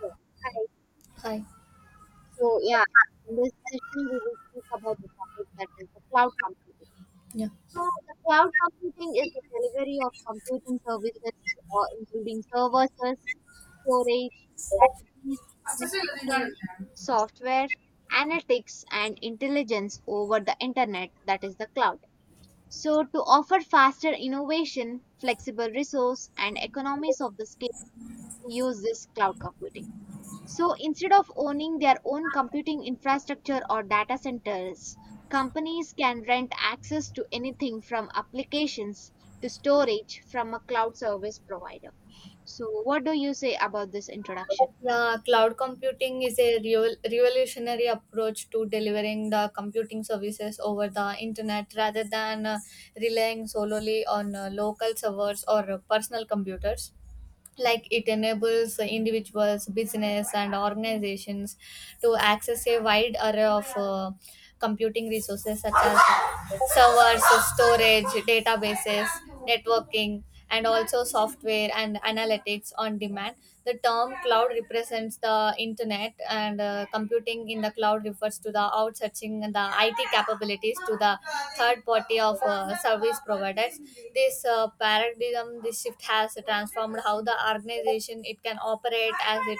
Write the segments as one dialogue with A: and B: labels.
A: Yeah. Hi.
B: Hi.
A: So yeah, in this session we will speak about the topic that is the cloud computing.
B: Yeah.
A: So the cloud computing is the delivery of computing services, or including services, storage, batteries, networking, software, analytics, and intelligence over the internet. That is the cloud. So to offer faster innovation, flexible resource, and economies of the scale, we use this cloud computing. So instead of owning their own computing infrastructure or data centers, companies can rent access to anything from applications to storage from a cloud service provider. So, what do you say about this introduction?
B: Yeah, cloud computing is a real revolutionary approach to delivering the computing services over the internet rather than relying solely on local servers or personal computers. Like it enables the individuals business and organizations to access a wide array of computing resources such as servers, storage, databases, networking, and also software and analytics on demand. The term cloud represents the internet, and computing in the cloud refers to the outsourcing the IT capabilities to the third party of service providers. This paradigm, this shift has transformed how the organization it can operate, as it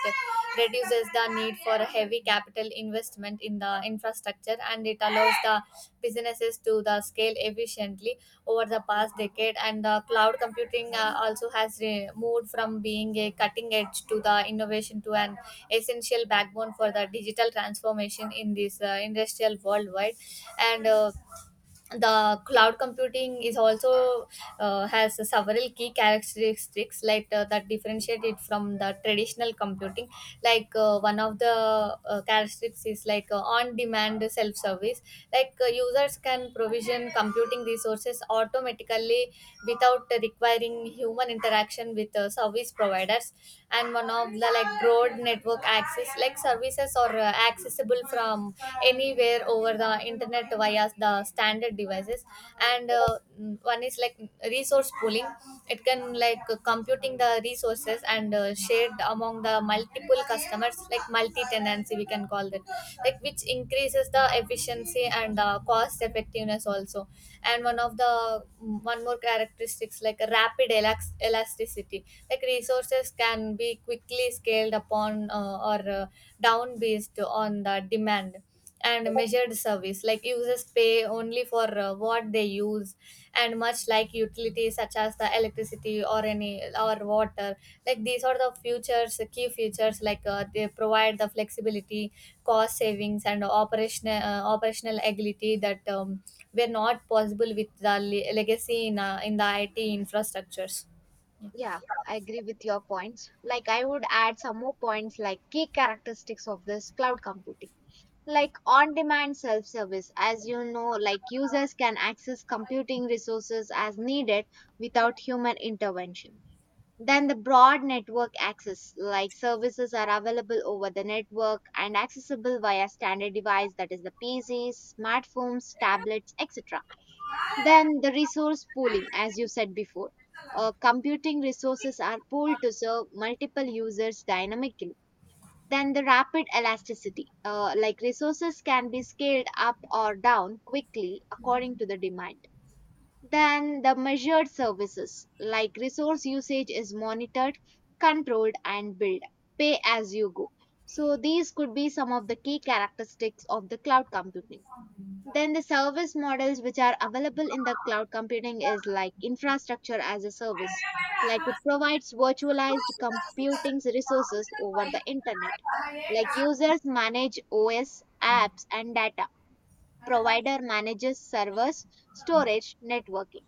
B: reduces the need for heavy capital investment in the infrastructure, and it allows the businesses to the scale efficiently over the past decade. And the cloud computing also has moved from being a cutting edge to the innovation to an essential backbone for the digital transformation in this industrial worldwide. And the cloud computing is also has several key characteristics like that differentiate it from the traditional computing. Like one of the characteristics is like on demand self service. Like users can provision computing resources automatically without requiring human interaction with service providers. And one of the, like, broad network access, like services are accessible from anywhere over the internet via the standard devices. And one is like resource pooling. It can, like, computing the resources and shared among the multiple customers, like multi tenancy, we can call that, like, which increases the efficiency and the cost effectiveness also. And one of the mm, one more characteristics like a rapid elasticity, like resources can be quickly scaled upon or down based on the demand. And measured service, like users pay only for what they use, and much like utilities such as the electricity or any or water. Like these are the features, key features, like they provide the flexibility, cost savings, and operational agility that were not possible with the legacy in the IT infrastructures.
A: Yeah, I agree with your points. Like, I would add some more points like key characteristics of this cloud computing. Like on demand self service, as you know, like users can access computing resources as needed without human intervention. Then the broad network access, like services are available over the network and accessible via standard device that is the PCs, smartphones, tablets, etc. Then the resource pooling, as you said before. Computing resources are pooled to serve multiple users dynamically. Then the rapid elasticity, like resources can be scaled up or down quickly according to the demand. Then the measured services like resource usage is monitored, controlled, and billed. Pay as you go. So these could be some of the key characteristics of the cloud computing. Then the service models which are available in the cloud computing is like infrastructure as a service. Like it provides virtualized computing resources over the internet. Like users manage OS, apps, and data. Provider manages servers, storage, networking.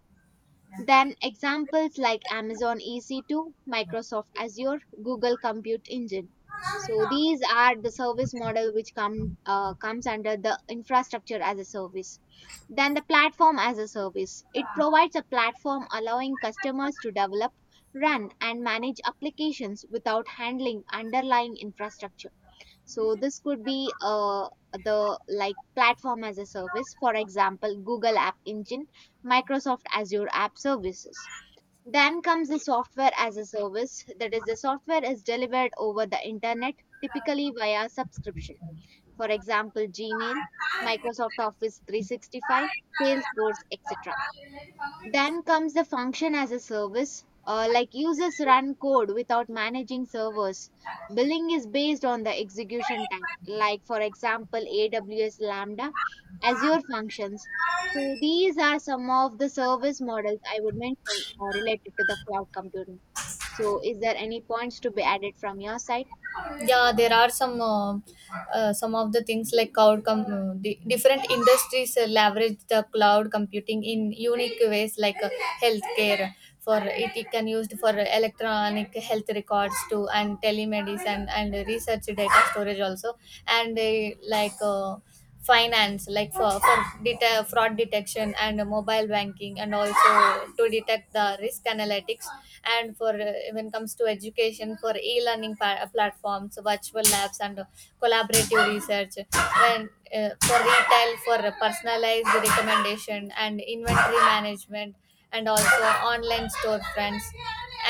A: Then examples like Amazon EC2, Microsoft Azure, Google Compute Engine. So these are the service model which comes under the infrastructure as a service. Then the platform as a service. It provides a platform allowing customers to develop, run and manage applications without handling underlying infrastructure. So this could be the like platform as a service, for example, Google App Engine, Microsoft Azure App Services. Then comes the software as a service, that is, the software is delivered over the internet, typically via subscription. For example, Gmail, Microsoft Office 365, Salesforce, etc. Then comes the function as a service, like users run code without managing servers. Billing is based on the execution time, like for example, AWS Lambda, Azure functions. So these are some of the service models I would mention related to the cloud computing. So is there any points to be added from your side?
B: Yeah, there are some of the things, like cloud different industries leverage the cloud computing in unique ways. Like healthcare, for it can used for electronic health records too, and telemedicine and research data storage also. And like finance, like for fraud detection and mobile banking, and also to detect the risk analytics. And for when it comes to education, for e-learning platforms, virtual labs, and collaborative research. When for retail, for personalized recommendation and inventory management, and also online storefronts.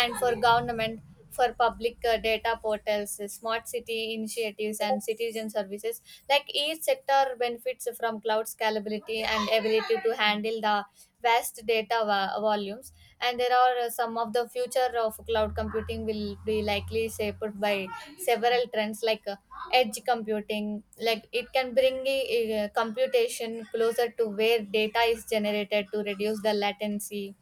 B: And for government, for public data portals, smart city initiatives, and citizen services. Like each sector benefits from cloud scalability and ability to handle the vast data volumes. And there are some of the future of cloud computing will be likely shaped by several trends, like edge computing, like it can bring computation closer to where data is generated to reduce the latency.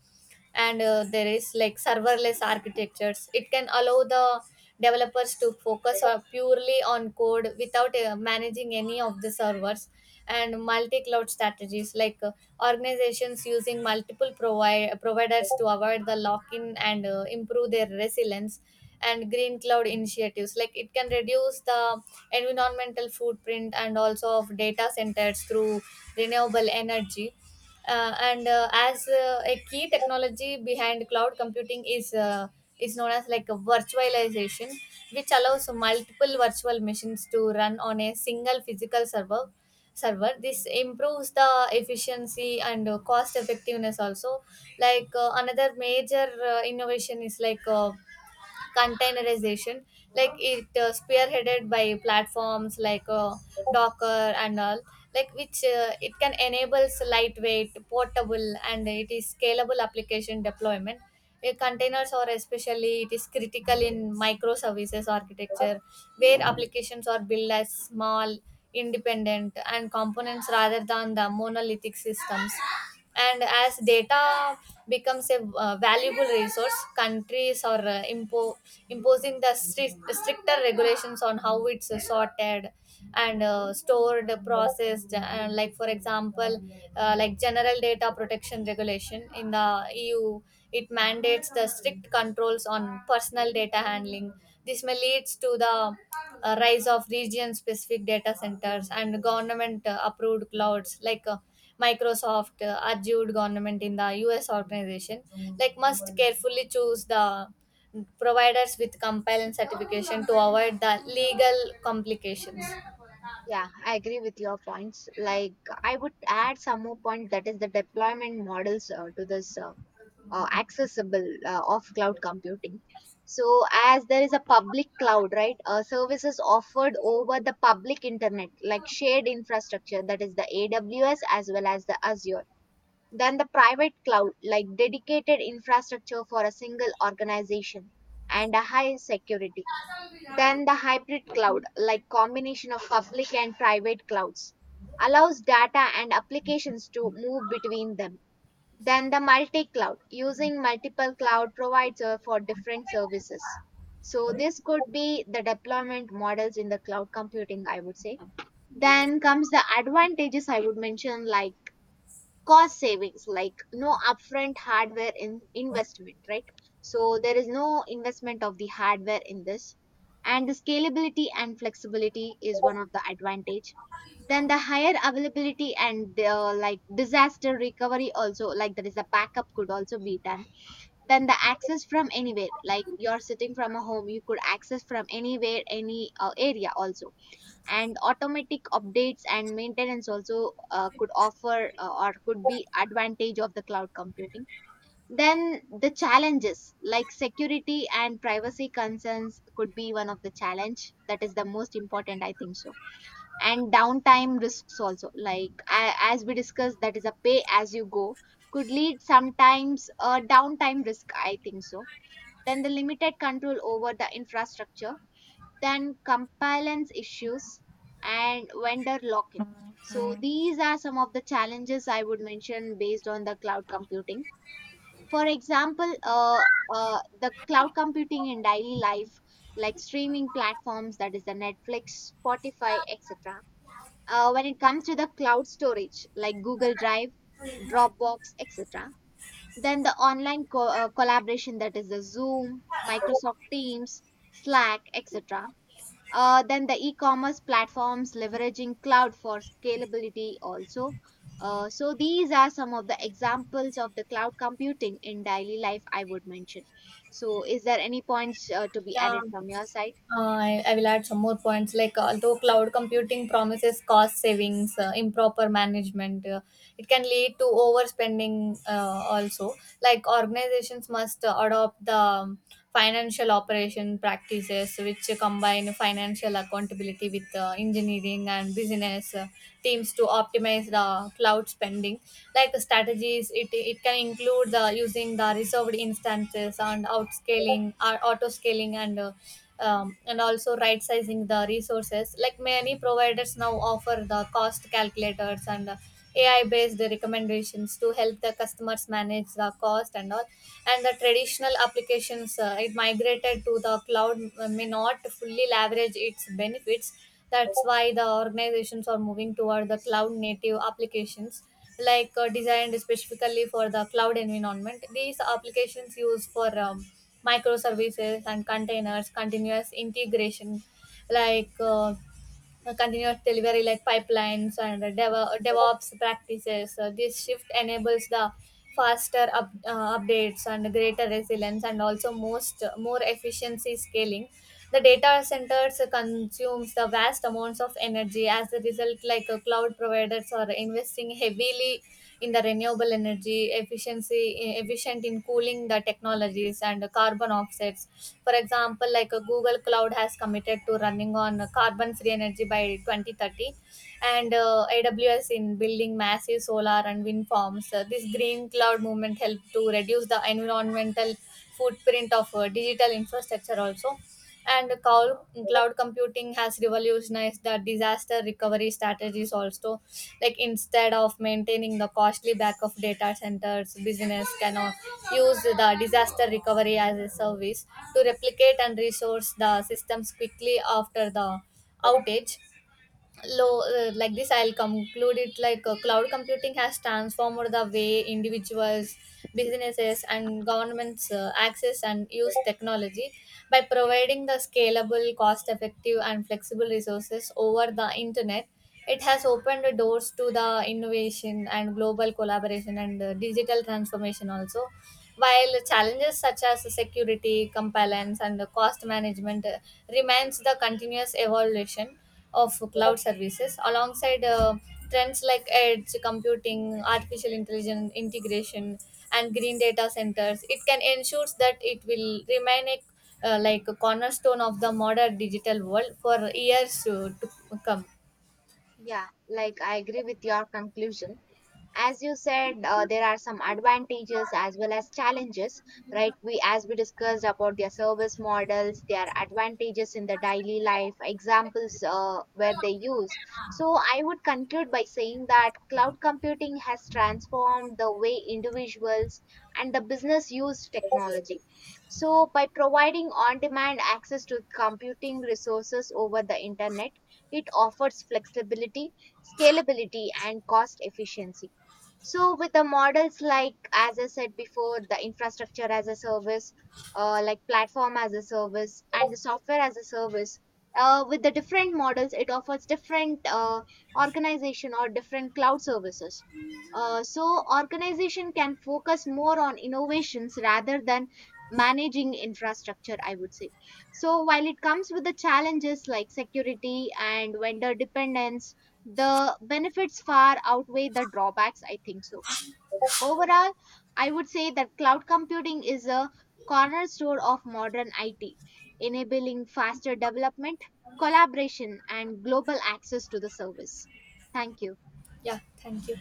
B: And there is, like, serverless architectures, it can allow the developers to focus purely on code without managing any of the servers. And multi-cloud strategies, like organizations using multiple providers to avoid the lock-in and improve their resilience. And green cloud initiatives, like it can reduce the environmental footprint and also of data centers through renewable energy, and as a key technology behind cloud computing is is known as like a virtualization, which allows multiple virtual machines to run on a single physical server. This improves the efficiency and cost effectiveness also. Like another major innovation is, like containerization, like it spearheaded by platforms like Docker and all, like which it can enables lightweight, portable, and it is scalable application deployment. Containers are especially it is critical in microservices architecture, where applications are built as small, independent, and components rather than the monolithic systems. And as data becomes a valuable resource, countries or imposing the stricter regulations on how it's sorted and stored, processed, like for example like general data protection regulation in the EU. It mandates the strict controls on personal data handling. This may leads to the rise of region specific data centers and government approved clouds, like Microsoft adjured government in the US. Organization, like, must carefully choose the providers with compliance certification to avoid the legal complications.
A: Yeah, I agree with your points. Like, I would add some more point that is the deployment models to this. Accessible of cloud computing. So, as there is a public cloud, right, services offered over the public internet, like shared infrastructure, that is the AWS as well as the Azure. Then the private cloud, like dedicated infrastructure for a single organization and a high security. Then the hybrid cloud, like combination of public and private clouds, allows data and applications to move between them. Then the multi-cloud, using multiple cloud provider for different services. So this could be the deployment models in the cloud computing, I would say. Then comes the advantages I would mention like cost savings, like no upfront hardware in investment, right? So there is no investment of the hardware in this. And the scalability and flexibility is one of the advantage. Then the higher availability and like disaster recovery also, like there is a backup could also be done. Then the access from anywhere, like you're sitting from a home, you could access from anywhere, any area also. And automatic updates and maintenance also could offer or could be advantage of the cloud computing. Then the challenges like security and privacy concerns could be one of the challenge that is the most important, I think so. And downtime risks also, like as we discussed, that is a pay as you go, could lead sometimes a downtime risk, I think so. Then the limited control over the infrastructure, then compliance issues and vendor lock in. So these are some of the challenges I would mention based on the cloud computing. For example, the cloud computing in daily life, like streaming platforms, that is the Netflix, Spotify, etc. When it comes to the cloud storage, like Google Drive, Dropbox, etc. Then the online collaboration, that is the Zoom, Microsoft Teams, Slack, etc. Then the e-commerce platforms leveraging cloud for scalability also. So these are some of the examples of the cloud computing in daily life I would mention. So is there any points to be
B: Yeah,
A: added from your side?
B: I will add some more points. Like, although cloud computing promises cost savings, improper management, it can lead to overspending also. Like, organizations must adopt the financial operation practices which combine financial accountability with engineering and business teams to optimize the cloud spending. Like, the strategies, it can include the using the reserved instances and outscaling, or auto scaling, and also right sizing the resources. Like, many providers now offer the cost calculators and AI based recommendations to help the customers manage the cost and all. And the traditional applications it migrated to the cloud may not fully leverage its benefits. That's why the organizations are moving toward the cloud native applications, like designed specifically for the cloud environment. These applications use for microservices and containers, continuous integration, like continuous delivery, like pipelines, and DevOps practices. So this shift enables the faster updates and greater resilience, and also most more efficiency scaling. The data centers consumes the vast amounts of energy. As a result, like cloud providers are investing heavily in the renewable energy efficiency, efficient in cooling the technologies and carbon offsets. For example, like Google Cloud has committed to running on carbon-free energy by 2030, and AWS in building massive solar and wind farms. This green cloud movement helped to reduce the environmental footprint of digital infrastructure also. And cloud computing has revolutionized the disaster recovery strategies also, like instead of maintaining the costly back of data centers, business can use the disaster recovery as a service to replicate and resource the systems quickly after the outage. Low Like this I'll conclude it. Like cloud computing has transformed the way individuals, businesses, and governments access and use technology by providing the scalable, cost effective, and flexible resources over the internet. It has opened the doors to the innovation and global collaboration and digital transformation also. While challenges such as security, compliance, and cost management remains, the continuous evolution of cloud services, alongside trends like edge computing, artificial intelligence integration, and green data centers, it can ensure that it will remain a like a cornerstone of the modern digital world for years to come.
A: Yeah, like I agree with your conclusion. As you said, there are some advantages as well as challenges, right? We as we discussed about their service models, their advantages, in the daily life examples where they use. So I would conclude by saying that cloud computing has transformed the way individuals and the business use technology. So by providing on demand access to computing resources over the internet, it offers flexibility, scalability and cost efficiency. So with the models like, as I said before, the infrastructure as a service, like platform as a service, and the software as a service, with the different models, it offers different organization or different cloud services. So organization can focus more on innovations rather than managing infrastructure, I would say. So while it comes with the challenges like security and vendor dependence, the benefits far outweigh the drawbacks, I think so. Overall, I would say that cloud computing is a cornerstone of modern IT, enabling faster development, collaboration and global access to the service. Thank you.
B: Yeah, thank you.